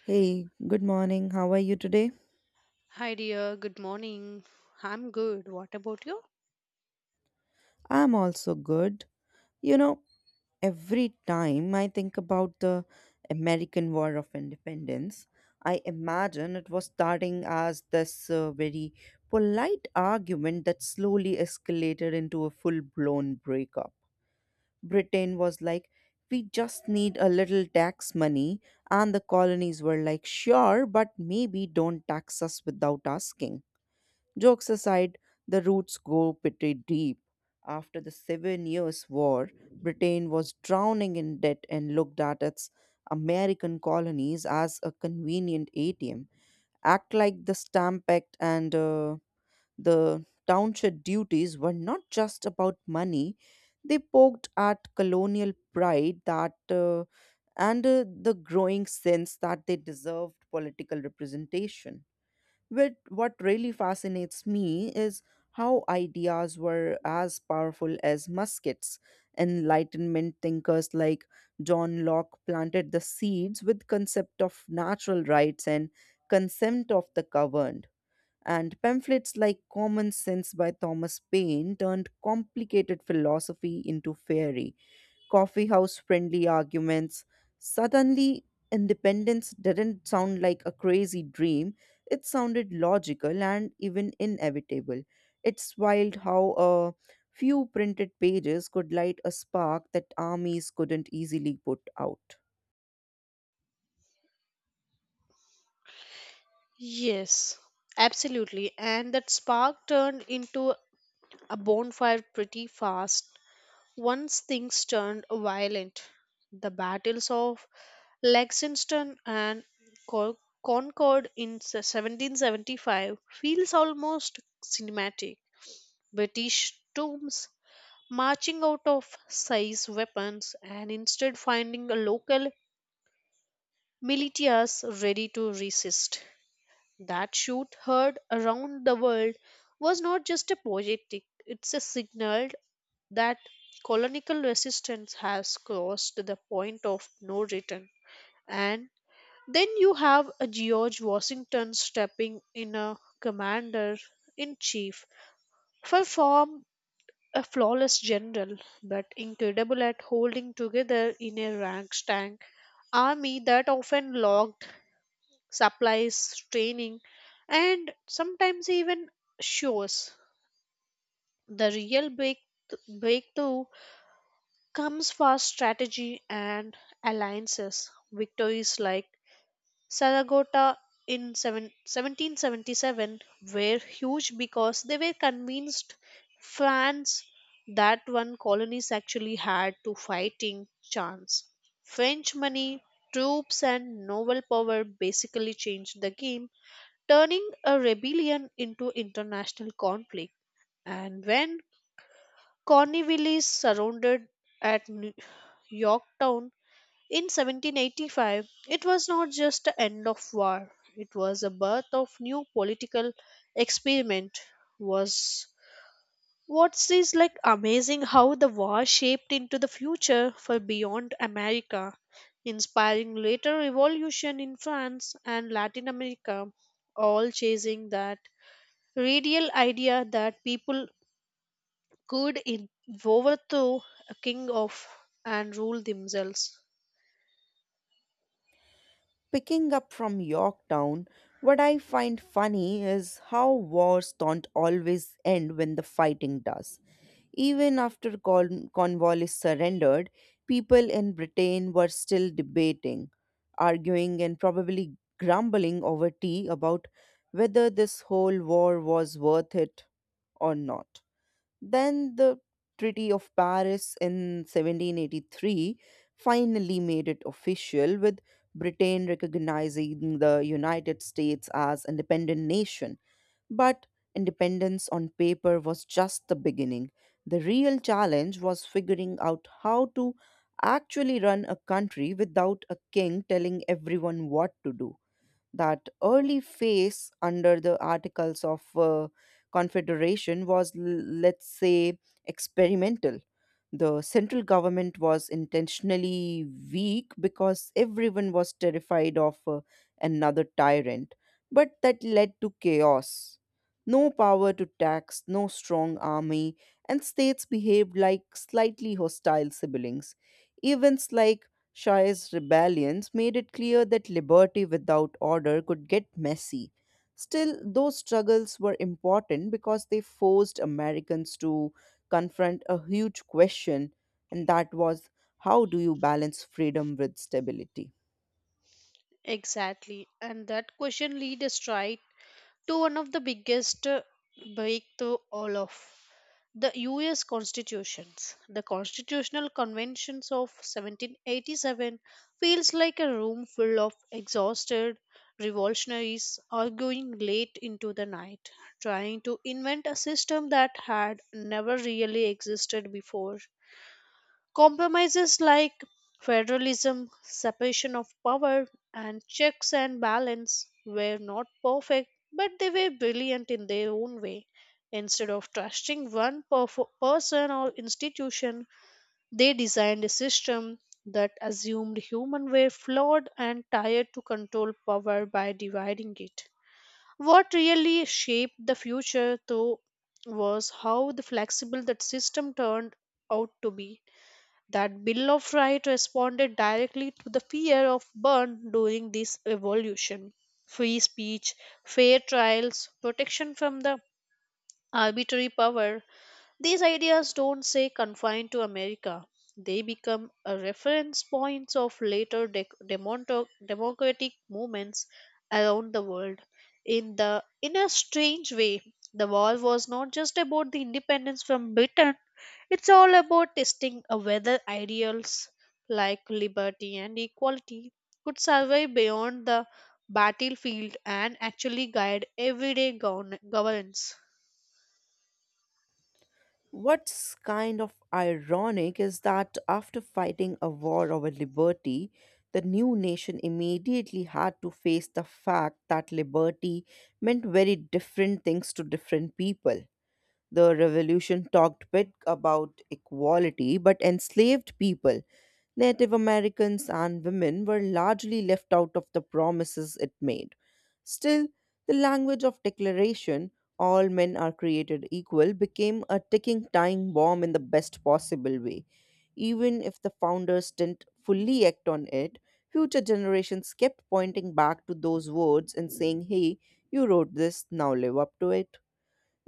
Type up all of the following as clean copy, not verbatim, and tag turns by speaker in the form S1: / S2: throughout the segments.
S1: Hey, good morning. How are you today?
S2: Hi dear, good morning. I'm good. What about you?
S1: I'm also good. You know, every time I think about the American War of Independence, I imagine it was starting as this very polite argument that slowly escalated into a full blown breakup. Britain was like, we just need a little tax money, and the colonies were like, sure, but maybe don't tax us without asking. Jokes aside, the roots go pretty deep. After the Seven Years' War, Britain was drowning in debt and looked at its American colonies as a convenient ATM. Act like the Stamp Act and the township duties were not just about money, they poked at colonial pride that and the growing sense that they deserved political representation. But what really fascinates me is how ideas were as powerful as muskets. Enlightenment thinkers like John Locke planted the seeds with concept of natural rights and consent of the governed. And pamphlets like Common Sense by Thomas Paine turned complicated philosophy into fairy coffee house friendly arguments. Suddenly, independence didn't sound like a crazy dream, it sounded logical and even inevitable. It's wild how a few printed pages could light a spark that armies couldn't easily put out.
S2: Yes, absolutely. And that spark turned into a bonfire pretty fast. Once things turned violent, the battles of Lexington and Cor- Concord in 1775 feels almost cinematic. British troops marching out of size weapons and instead finding a local militias ready to resist. That shoot heard around the world was not just a poetic, it's a signal that colonial resistance has crossed the point of no return. And then you have a George Washington stepping in a commander in chief, far from a flawless general, but incredible at holding together in a rank tank army that often logged supplies, training, and sometimes even shows. The real breakthrough comes for strategy and alliances. Victories like Saragota in 1777 were huge because they were convinced France that one colonies actually had to fighting chance. French money, troops, and naval power basically changed the game turning a rebellion into international conflict. And when Cornwallis surrounded at Yorktown in 1785, it was not just the end of war, it was a birth of new political experiment. Was What's this, like, amazing how the war shaped into the future for beyond America, inspiring later revolution in France and Latin America, all chasing that radial idea that people could overthrow a king of and rule themselves.
S1: Picking up from Yorktown, what I find funny is how wars don't always end when the fighting does. Even after Cornwallis surrendered, people in Britain were still debating, arguing, and probably grumbling over tea about whether this whole war was worth it or not. Then the Treaty of Paris in 1783 finally made it official, with Britain recognizing the United States as independent nation, but independence on paper was just the beginning. The real challenge was figuring out how to actually run a country without a king telling everyone what to do. That early phase under the Articles of Confederation was, let's say, experimental. The central government was intentionally weak because everyone was terrified of another tyrant, but that led to chaos. No power to tax, no strong army, and states behaved like slightly hostile siblings. Events like Shah's rebellions made it clear that liberty without order could get messy. Still, those struggles were important because they forced Americans to confront a huge question, and that was, how do you balance freedom with stability?
S2: Exactly, and that question leaders right to one of the biggest breakthrough all of the US constitutions. The constitutional conventions of 1787 feels like a room full of exhausted revolutionaries arguing late into the night, trying to invent a system that had never really existed before. Compromises like federalism, separation of power, and checks and balance were not perfect, but they were brilliant in their own way. Instead of trusting one person or institution, they designed a system that assumed humans were flawed and tired to control power by dividing it. What really shaped the future, though, was how the flexible that system turned out to be that Bill of Rights responded directly to the fear of burn during this revolution. Free speech, fair trials, protection from the arbitrary power, these ideas don't stay confined to America. They become a reference points of later democratic movements around the world. In a strange way, the war was not just about the independence from Britain. It's all about testing a whether ideals like liberty and equality could survive beyond the battlefield and actually guide everyday governance.
S1: What's kind of ironic is that after fighting a war over liberty, the new nation immediately had to face the fact that liberty meant very different things to different people. The revolution talked bit about equality but enslaved people. Native Americans and women were largely left out of the promises it made. Still, the language of declaration, all men are created equal, became a ticking time bomb in the best possible way. Even if the founders didn't fully act on it, future generations kept pointing back to those words and saying, hey, you wrote this, now live up to it.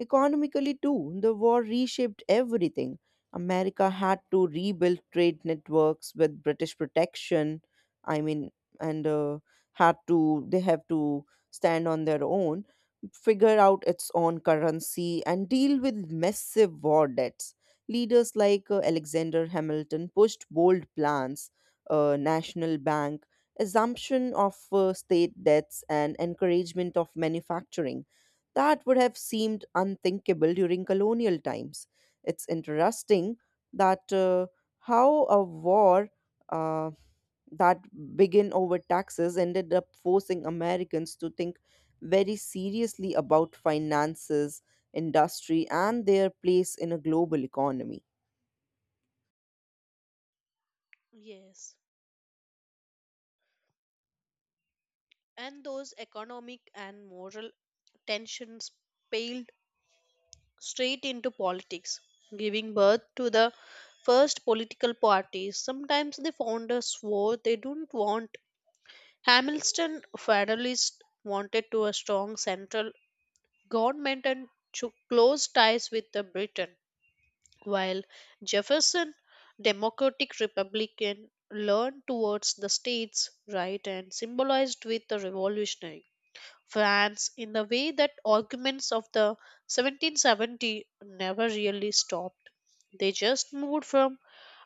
S1: Economically, too, the war reshaped everything. America had to rebuild trade networks with British protection. I mean, and they have to stand on their own, figure out its own currency, and deal with massive war debts. Leaders like Alexander Hamilton pushed bold plans, national bank, assumption of state debts, and encouragement of manufacturing that would have seemed unthinkable during colonial times. It's interesting that how a war uh, that began over taxes ended up forcing Americans to think very seriously about finances, industry, and their place in a global economy.
S2: Yes, and those economic and moral tensions paled straight into politics, giving birth to the first political parties. Sometimes the founders swore they don't want. Hamilton Federalists wanted to a strong central government and took close ties with the Britain, while Jefferson Democratic Republican leaned towards the states' right and symbolized with the revolutionary. France in the way that arguments of the 1770 never really stopped. They just moved from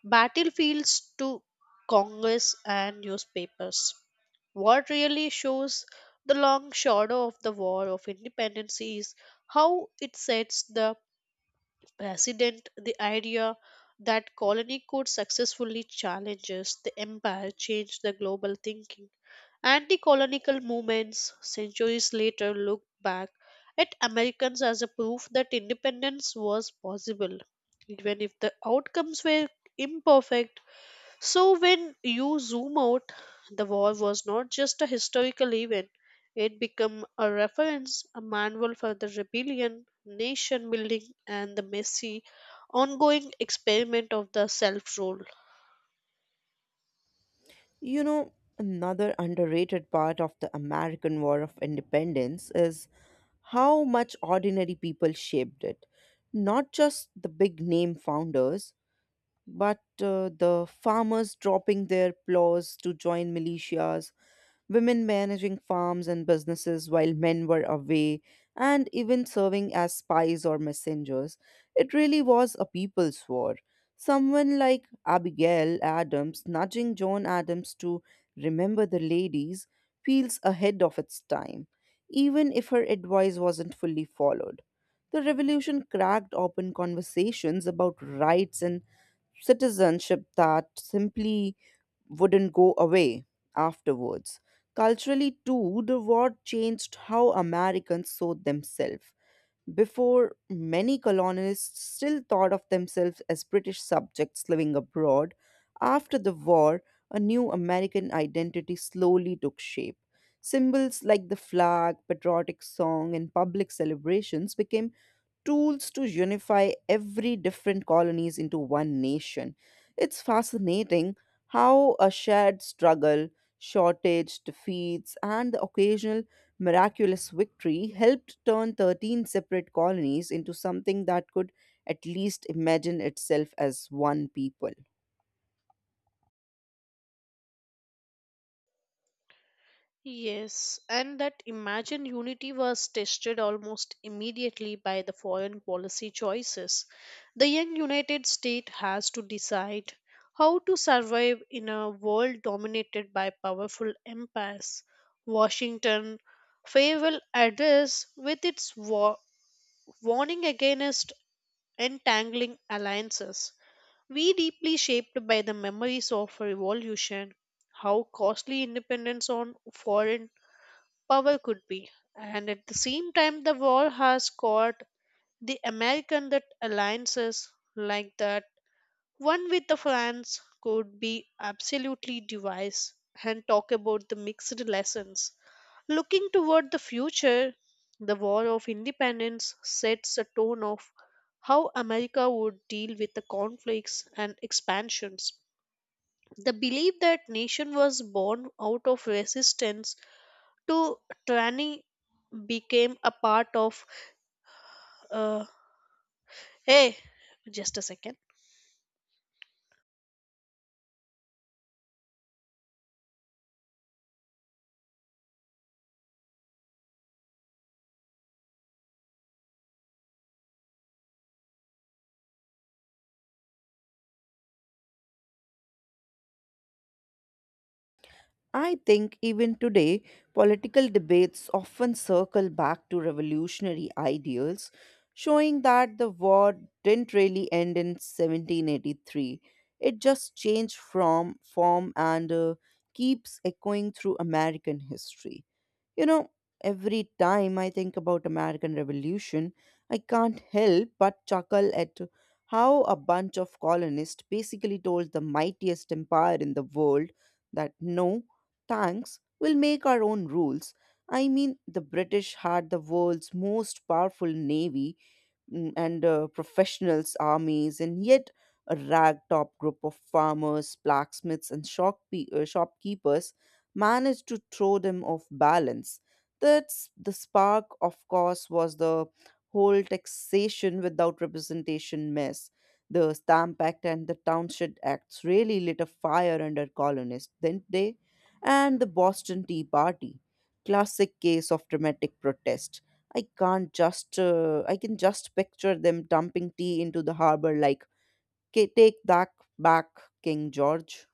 S2: battlefields to Congress and newspapers. What really shows the long shadow of the War of Independence is how it sets the precedent, the idea that colony could successfully challenge the empire, changed the global thinking. Anti colonial movements centuries later looked back at Americans as a proof that independence was possible, even if the outcomes were imperfect. So, when you zoom out, the war was not just a historical event, it became a reference, a manual for the rebellion, nation building, and the messy, ongoing experiment of the self rule.
S1: You know, another underrated part of the American War of Independence is how much ordinary people shaped it. Not just the big name founders, but the farmers dropping their plows to join militias, women managing farms and businesses while men were away, and even serving as spies or messengers. It really was a people's war. Someone like Abigail Adams nudging John Adams to remember the ladies feels ahead of its time, even if her advice wasn't fully followed. The revolution cracked open conversations about rights and citizenship that simply wouldn't go away afterwards. Culturally, too, the war changed how Americans saw themselves. Before, many colonists still thought of themselves as British subjects living abroad. After the war, a new American identity slowly took shape. Symbols like the flag, patriotic song, and public celebrations became tools to unify every different colonies into one nation. It's fascinating how a shared struggle, shortage, defeats, and the occasional miraculous victory helped turn 13 separate colonies into something that could at least imagine itself as one people.
S2: Yes, and that imagined unity was tested almost immediately by the foreign policy choices. The young United States has to decide how to survive in a world dominated by powerful empires. Washington farewell address with its warning against entangling alliances. We deeply shaped by the memories of revolution, how costly independence on foreign power could be. And at the same time, the war has caught the American that alliances like that, one with the France, could be absolutely devised and talk about the mixed lessons. Looking toward the future, the War of Independence sets a tone of how America would deal with the conflicts and expansions. The belief that nation was born out of resistance to tyranny became a part of uh, hey, just a second.
S1: I think even today, political debates often circle back to revolutionary ideals, showing that the war didn't really end in 1783. It just changed from form and keeps echoing through American history. You know, every time I think about American Revolution, I can't help but chuckle at how a bunch of colonists basically told the mightiest empire in the world that no, thanks, we'll make our own rules. I mean, the British had the world's most powerful navy, and professionals, armies, and yet a ragtop group of farmers, blacksmiths, and shopkeepers managed to throw them off balance. That's the spark, of course, was the whole taxation without representation mess. The Stamp Act and the Townshend Acts really lit a fire under colonists, didn't they? And the Boston Tea Party, classic case of dramatic protest. I can't just, I can just picture them dumping tea into the harbor like, Take that back, King George."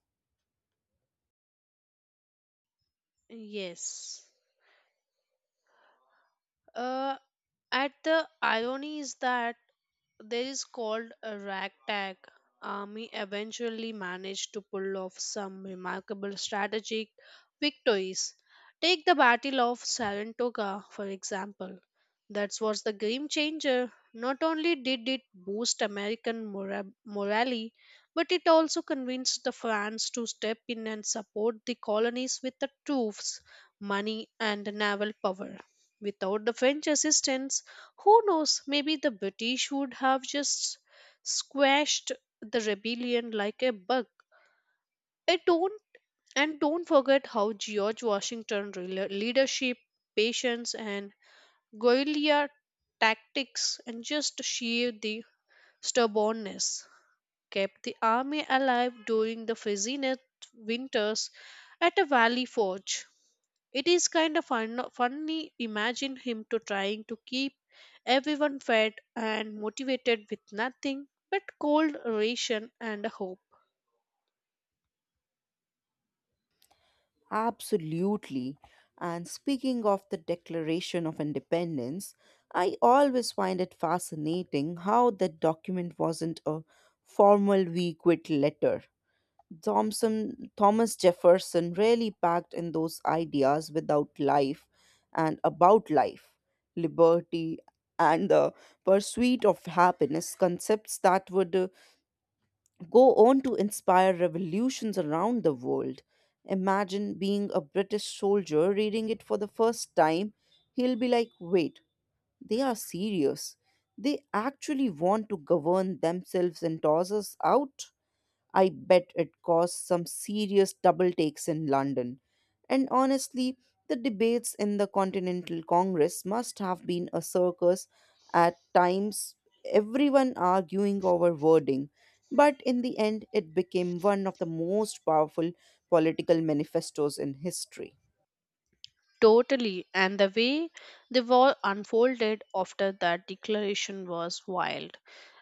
S2: Yes. Uh, at the irony is that there is called a ragtag army eventually managed to pull off some remarkable strategic victories. Take the Battle of Saratoga, for example. That was the game changer. Not only did it boost American morale, but it also convinced the France to step in and support the colonies with the troops, money, and naval power. Without the French assistance, who knows, maybe the British would have just squashed the rebellion like a bug. I don't, and don't forget how George Washington leadership, patience and guerrilla tactics and just sheer the stubbornness kept the army alive during the freezing winters at a valley forge. It is kind of funny imagine him to trying to keep everyone fed and motivated with nothing but cold ration and hope.
S1: Absolutely. And speaking of the Declaration of Independence, I always find it fascinating how that document wasn't a formal we quit letter. Thomas Jefferson really packed in those ideas without life and about life, liberty, and the pursuit of happiness, concepts that would go on to inspire revolutions around the world. Imagine being a British soldier reading it for the first time. He'll be like, wait, they are serious. They actually want to govern themselves and toss us out? I bet it caused some serious double takes in London. And honestly, the debates in the Continental Congress must have been a circus at times, everyone arguing over wording. But in the end, it became one of the most powerful political manifestos in history.
S2: Totally, and the way the war unfolded after that declaration was wild.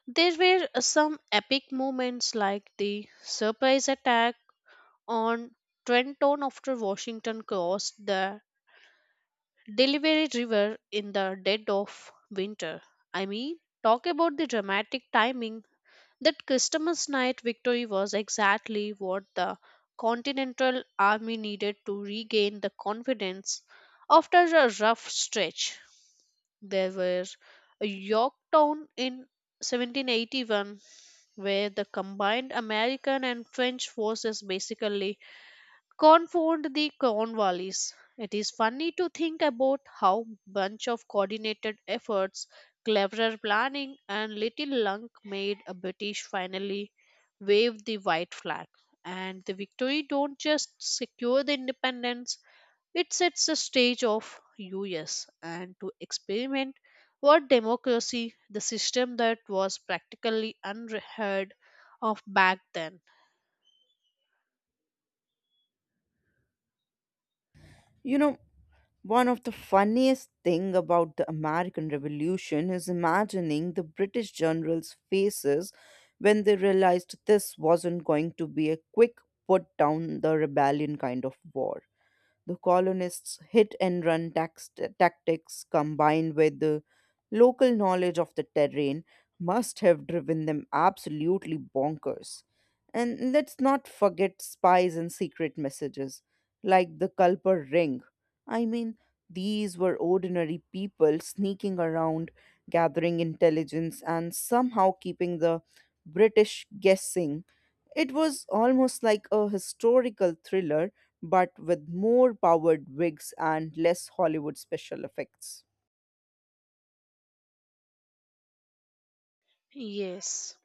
S2: There were some epic moments like the surprise attack on Trenton after Washington crossed the Delaware River in the dead of winter. I mean, talk about the dramatic timing. That Christmas night victory was exactly what the Continental Army needed to regain the confidence after a rough stretch. There were a Yorktown in 1781 where the combined American and French forces basically confound the Cornwallis. It is funny to think about how bunch of coordinated efforts, cleverer planning, and little luck made a British finally wave the white flag. And the victory don't just secure the independence, it sets the stage of US and to experiment what democracy, the system that was practically unheard of back then.
S1: You know, one of the funniest thing about the American Revolution is imagining the British generals' faces when they realized this wasn't going to be a quick put down the rebellion kind of war. The colonists' hit and run tactics combined with the local knowledge of the terrain must have driven them absolutely bonkers. And let's not forget spies and secret messages, like the Culper Ring. I mean, these were ordinary people sneaking around, gathering intelligence, and somehow keeping the British guessing. It was almost like a historical thriller but with more powered wigs and less Hollywood special effects.
S2: Yes.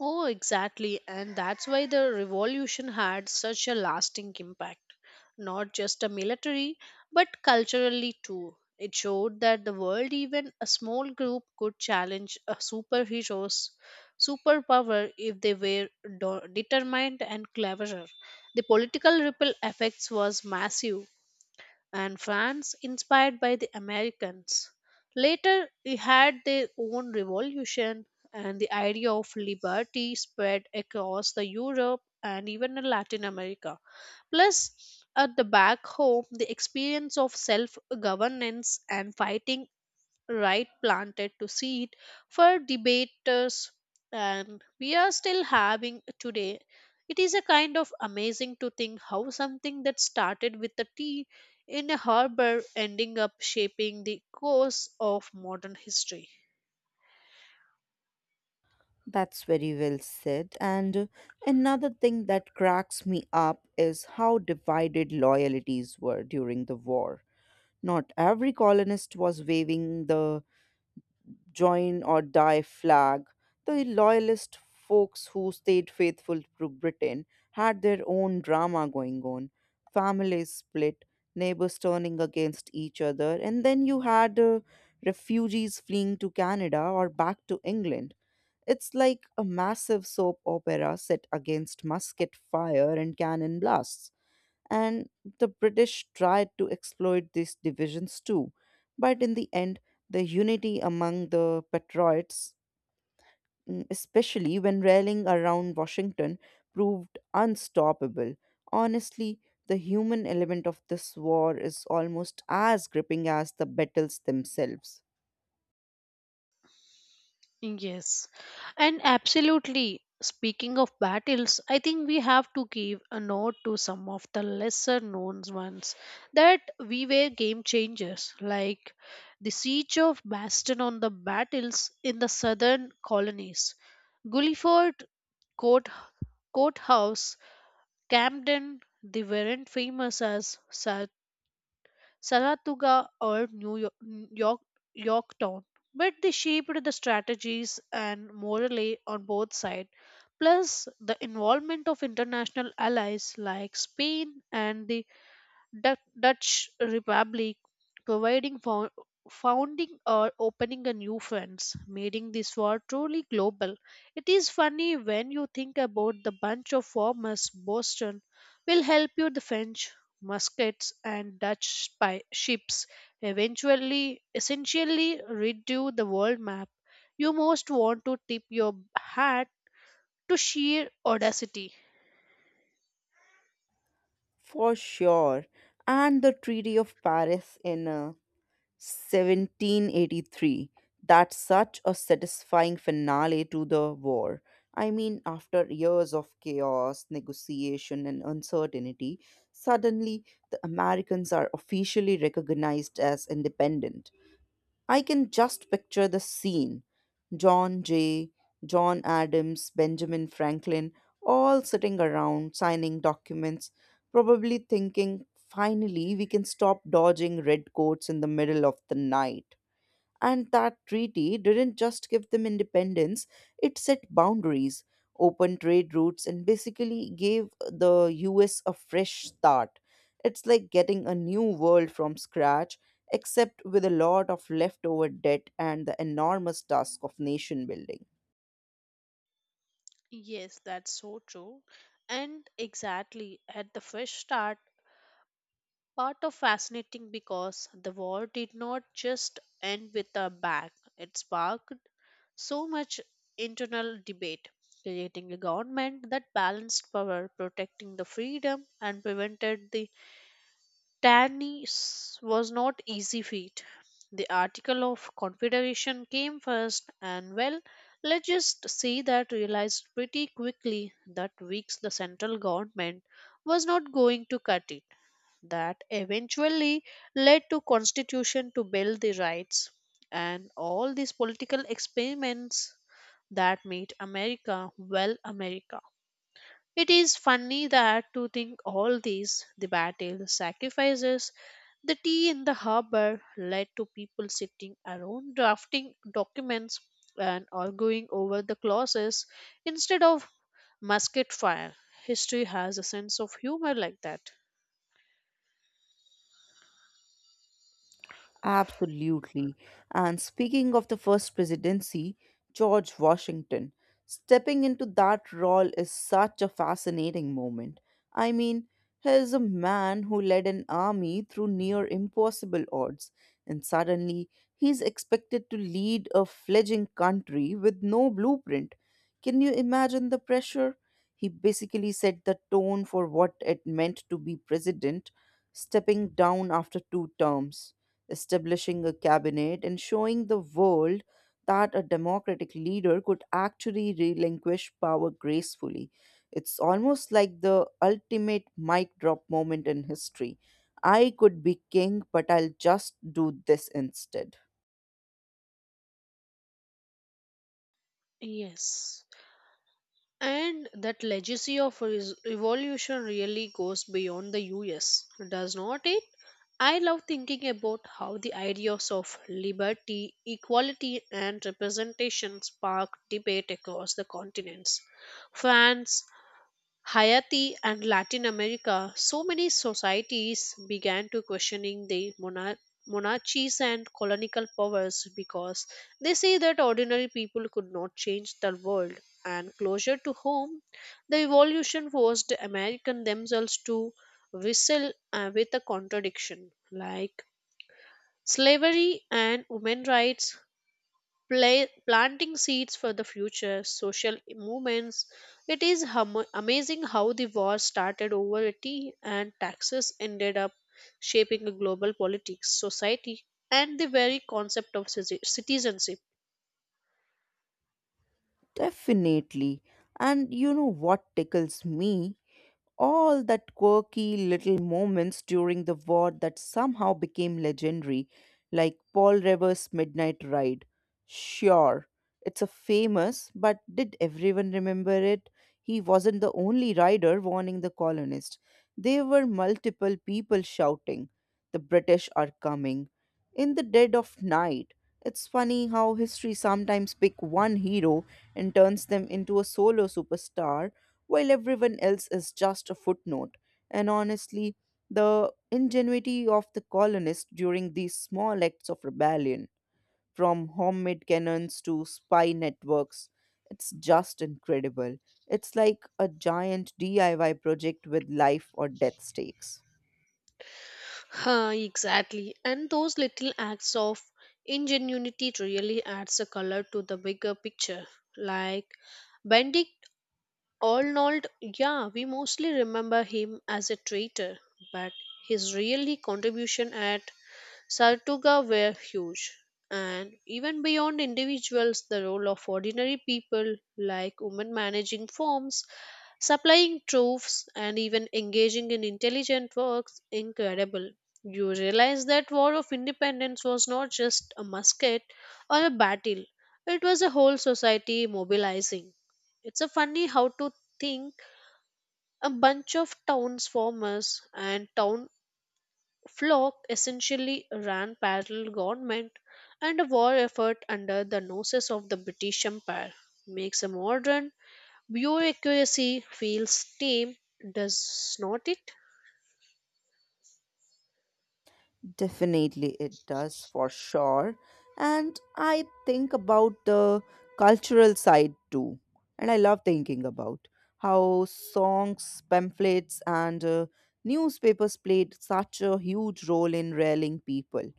S2: Oh, exactly. And that's why the revolution had such a lasting impact, not just a military, but culturally too. It showed that the world, even a small group, could challenge a superhero's superpower if they were determined and cleverer. The political ripple effects was massive and France, inspired by the Americans. Later, they had their own revolution, and the idea of liberty spread across the Europe and even in Latin America. Plus, at the back home, the experience of self governance and fighting right planted to seed for debaters and we are still having today. It is a kind of amazing to think how something that started with a tea in a harbor ending up shaping the course of modern history.
S1: That's very well said. And another thing that cracks me up is how divided loyalties were during the war. Not every colonist was waving the join or die flag. The loyalist folks who stayed faithful to Britain had their own drama going on. Families split, neighbors turning against each other, and then you had refugees fleeing to Canada or back to England. It's like a massive soap opera set against musket fire and cannon blasts, and the British tried to exploit these divisions too. But in the end, the unity among the Patriots, especially when rallying around Washington, proved unstoppable. Honestly, the human element of this war is almost as gripping as the battles themselves.
S2: Yes, and absolutely. Speaking of battles, I think we have to give a note to some of the lesser known ones that we were game changers, like the siege of Bastion on the battles in the southern colonies, Gulliford Court Courthouse, Camden. They weren't famous as Saratoga or York, Yorktown. But they shaped the strategies and morally on both sides. Plus, the involvement of international allies like Spain and the Dutch Republic, providing founding or opening a new friends, making this war truly global. It is funny when you think about the bunch of farmers Boston will help you the French muskets and Dutch ships eventually essentially redo the world map. You most want to tip your hat to sheer audacity.
S1: For sure. And the Treaty of Paris in 1783. That's such a satisfying finale to the war. I mean, after years of chaos, negotiation, and uncertainty, suddenly the Americans are officially recognized as independent. I can just picture the scene: John Jay, John Adams, Benjamin Franklin, all sitting around signing documents, probably thinking, finally, we can stop dodging redcoats in the middle of the night. And that treaty didn't just give them independence, it set boundaries, opened trade routes, and basically gave the US a fresh start. It's like getting a new world from scratch, except with a lot of leftover debt and the enormous task of nation building.
S2: Yes, that's so true. And exactly at the fresh start, part of fascinating because the war did not just end with a bang. It sparked so much internal debate, creating a government that balanced power, protecting the freedom and prevented the Tannis was not easy feat. The article of confederation came first, and well, let's just say that realized pretty quickly that weeks the central government was not going to cut it. That eventually led to constitution to build the rights and all these political experiments that made America well America. It is funny that to think all these the battle, the sacrifices, the tea in the harbor led to people sitting around drafting documents and arguing over the clauses instead of musket fire. History has a sense of humor like that.
S1: Absolutely. And speaking of the first presidency, George Washington, stepping into that role is such a fascinating moment. I mean, he is a man who led an army through near impossible odds, and suddenly he's expected to lead a fledgling country with no blueprint. Can you imagine the pressure? He basically set the tone for what it meant to be president, stepping down after two terms, establishing a cabinet, and showing the world that a democratic leader could actually relinquish power gracefully. It's almost like the ultimate mic drop moment in history. I could be king, but I'll just do this instead.
S2: Yes. And that legacy of evolution really goes beyond the US, does not it? I love thinking about how the ideas of liberty, equality, and representation spark debate across the continents. France, Haiti and Latin America, so many societies began to questioning the monarchies and colonial powers because they say that ordinary people could not change the world and closer to home the evolution forced the american themselves to wrestle with a contradiction like slavery and women rights, planting seeds for the future social movements. It is amazing how the war started over tea and taxes ended up shaping the global politics, society, and the very concept of citizenship.
S1: Definitely. And you know what tickles me? All that quirky little moments during the war that somehow became legendary, like Paul Revere*'s Midnight Ride. Sure, it's a famous, but did everyone remember it? He wasn't the only rider warning the colonists. There were multiple people shouting, the British are coming. In the dead of night, it's funny how history sometimes picks one hero and turns them into a solo superstar while everyone else is just a footnote. And honestly, the ingenuity of the colonists during these small acts of rebellion, from homemade cannons to spy networks, it's just incredible. It's like a giant DIY project with life or death stakes.
S2: Huh, exactly. And those little acts of ingenuity really adds a color to the bigger picture. Like bending Arnold, yeah, we mostly remember him as a traitor, but his really contribution at Sartuga were huge, and even beyond individuals, the role of ordinary people like women managing farms, supplying troops, and even engaging in intelligent works incredible. You realize that War of Independence was not just a musket or a battle, it was a whole society mobilizing. It's a funny how to think a bunch of towns farmers and town Flock essentially ran parallel government and a war effort under the noses of the British Empire makes a modern bureaucracy feel tame, does not it?
S1: Definitely, it does for sure. And I think about the cultural side too. And I love thinking about how songs, pamphlets, and newspapers played such a huge role in rallying people.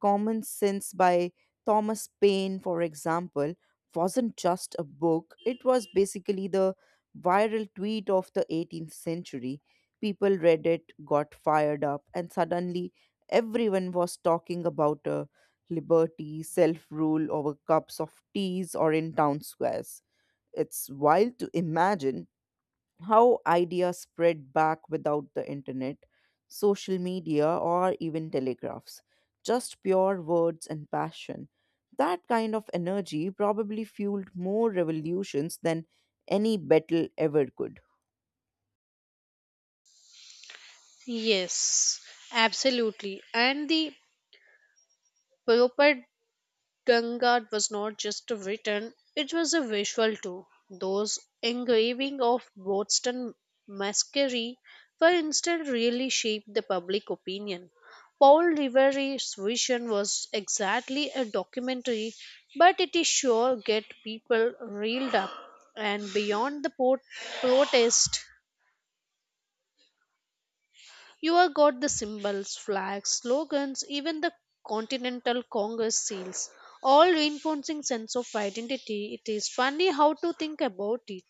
S1: Common Sense by Thomas Paine, for example, wasn't just a book, it was basically the viral tweet of the 18th century. People read it, got fired up, and suddenly everyone was talking about liberty, self rule over cups of teas or in town squares. It's wild to imagine how ideas spread back without the internet, social media, or even telegraphs. Just pure words and passion. That kind of energy probably fueled more revolutions than any battle ever could.
S2: Yes, absolutely. And the proper Gangad was not just written, it was a visual too. Those engraving of Boston masquerie, for instance, really shaped the public opinion. Paul Revere's vision was exactly a documentary, but it is sure get people reeled up and beyond the protest you have got the symbols, flags, slogans, even the Continental Congress seals, all reinforcing sense of identity. It is funny how to think about it.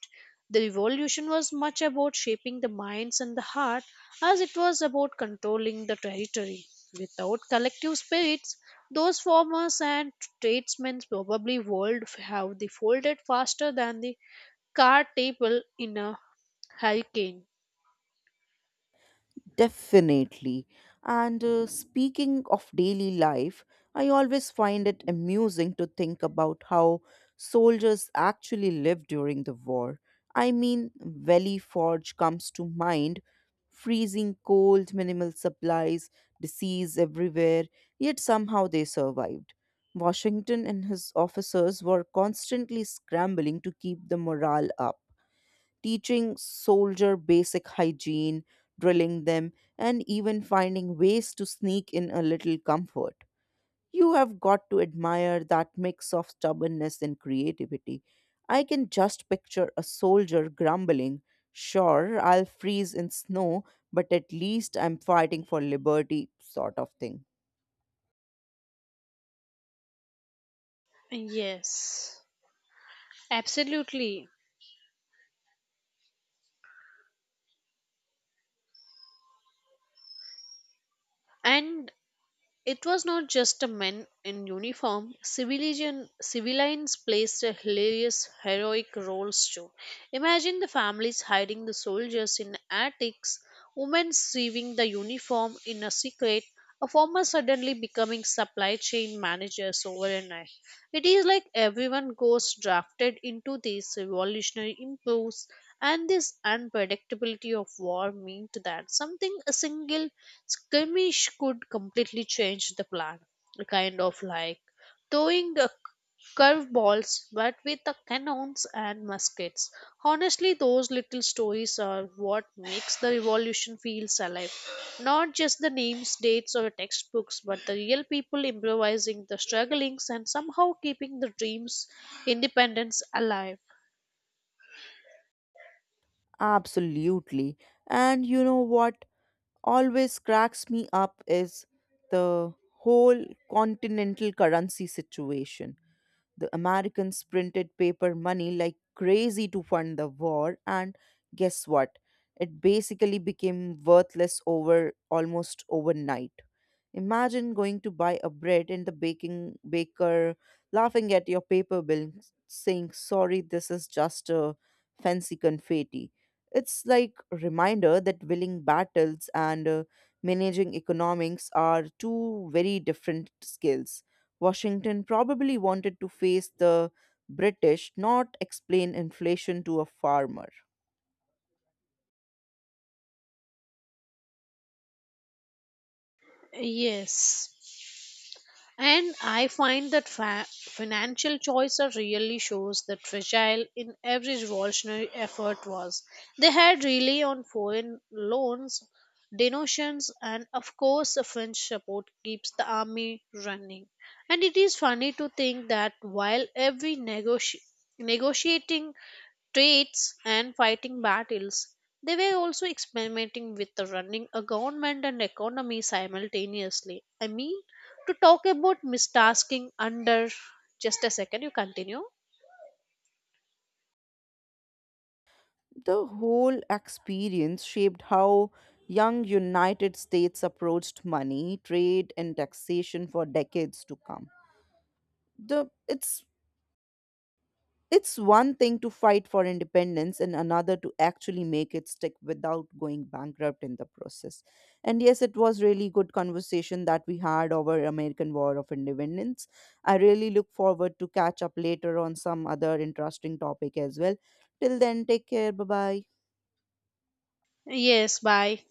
S2: The revolution was much about shaping the minds and the heart as it was about controlling the territory. Without collective spirits, those farmers and tradesmen probably would have the folded faster than the car table in a hurricane.
S1: Definitely. And speaking of daily life, I always find it amusing to think about how soldiers actually lived during the war. I mean, Valley Forge comes to mind, freezing cold, minimal supplies, disease everywhere, yet somehow they survived. Washington and his officers were constantly scrambling to keep the morale up, teaching soldier basic hygiene, drilling them, and even finding ways to sneak in a little comfort. You have got to admire that mix of stubbornness and creativity. I can just picture a soldier grumbling, sure, I'll freeze in snow, but at least I'm fighting for liberty, sort of thing.
S2: Yes. Absolutely. And it was not just a men in uniform. Civilians placed a hilarious, heroic roles too. Imagine the families hiding the soldiers in attics, women sewing the uniform in a secret, a farmer suddenly becoming supply chain managers overnight. It is like everyone goes drafted into these revolutionary impulse. And this unpredictability of war meant that something a single skirmish could completely change the plan, a kind of like throwing a curveballs but with the cannons and muskets. Honestly, those little stories are what makes the revolution feels alive. Not just the names, dates, or textbooks, but the real people improvising the strugglings and somehow keeping the dreams independence alive.
S1: Absolutely. And you know what? Always cracks me up is the whole continental currency situation. The Americans printed paper money like crazy to fund the war, and guess what? It basically became worthless over almost overnight. Imagine going to buy a bread and the baking baker laughing at your paper bill, saying, sorry, this is just a fancy confetti. It's like a reminder that willing battles and managing economics are two very different skills. Washington probably wanted to face the British, not explain inflation to a farmer.
S2: Yes. And I find that financial choice are really shows that fragile in every revolutionary effort was. They had really on foreign loans, donations, and of course, the French support keeps the army running. And it is funny to think that while every negotiating states and fighting battles. They were also experimenting with the running a government and economy simultaneously. I mean, to talk about mistasking under just a second, you continue.
S1: The whole experience shaped how young United States approached money, trade, and taxation for decades to come. The it's one thing to fight for independence and another to actually make it stick without going bankrupt in the process. And yes, it was really good conversation that we had over American War of Independence. I really look forward to catch up later on some other interesting topic as well. Till then, take care. Bye bye.
S2: Yes, bye.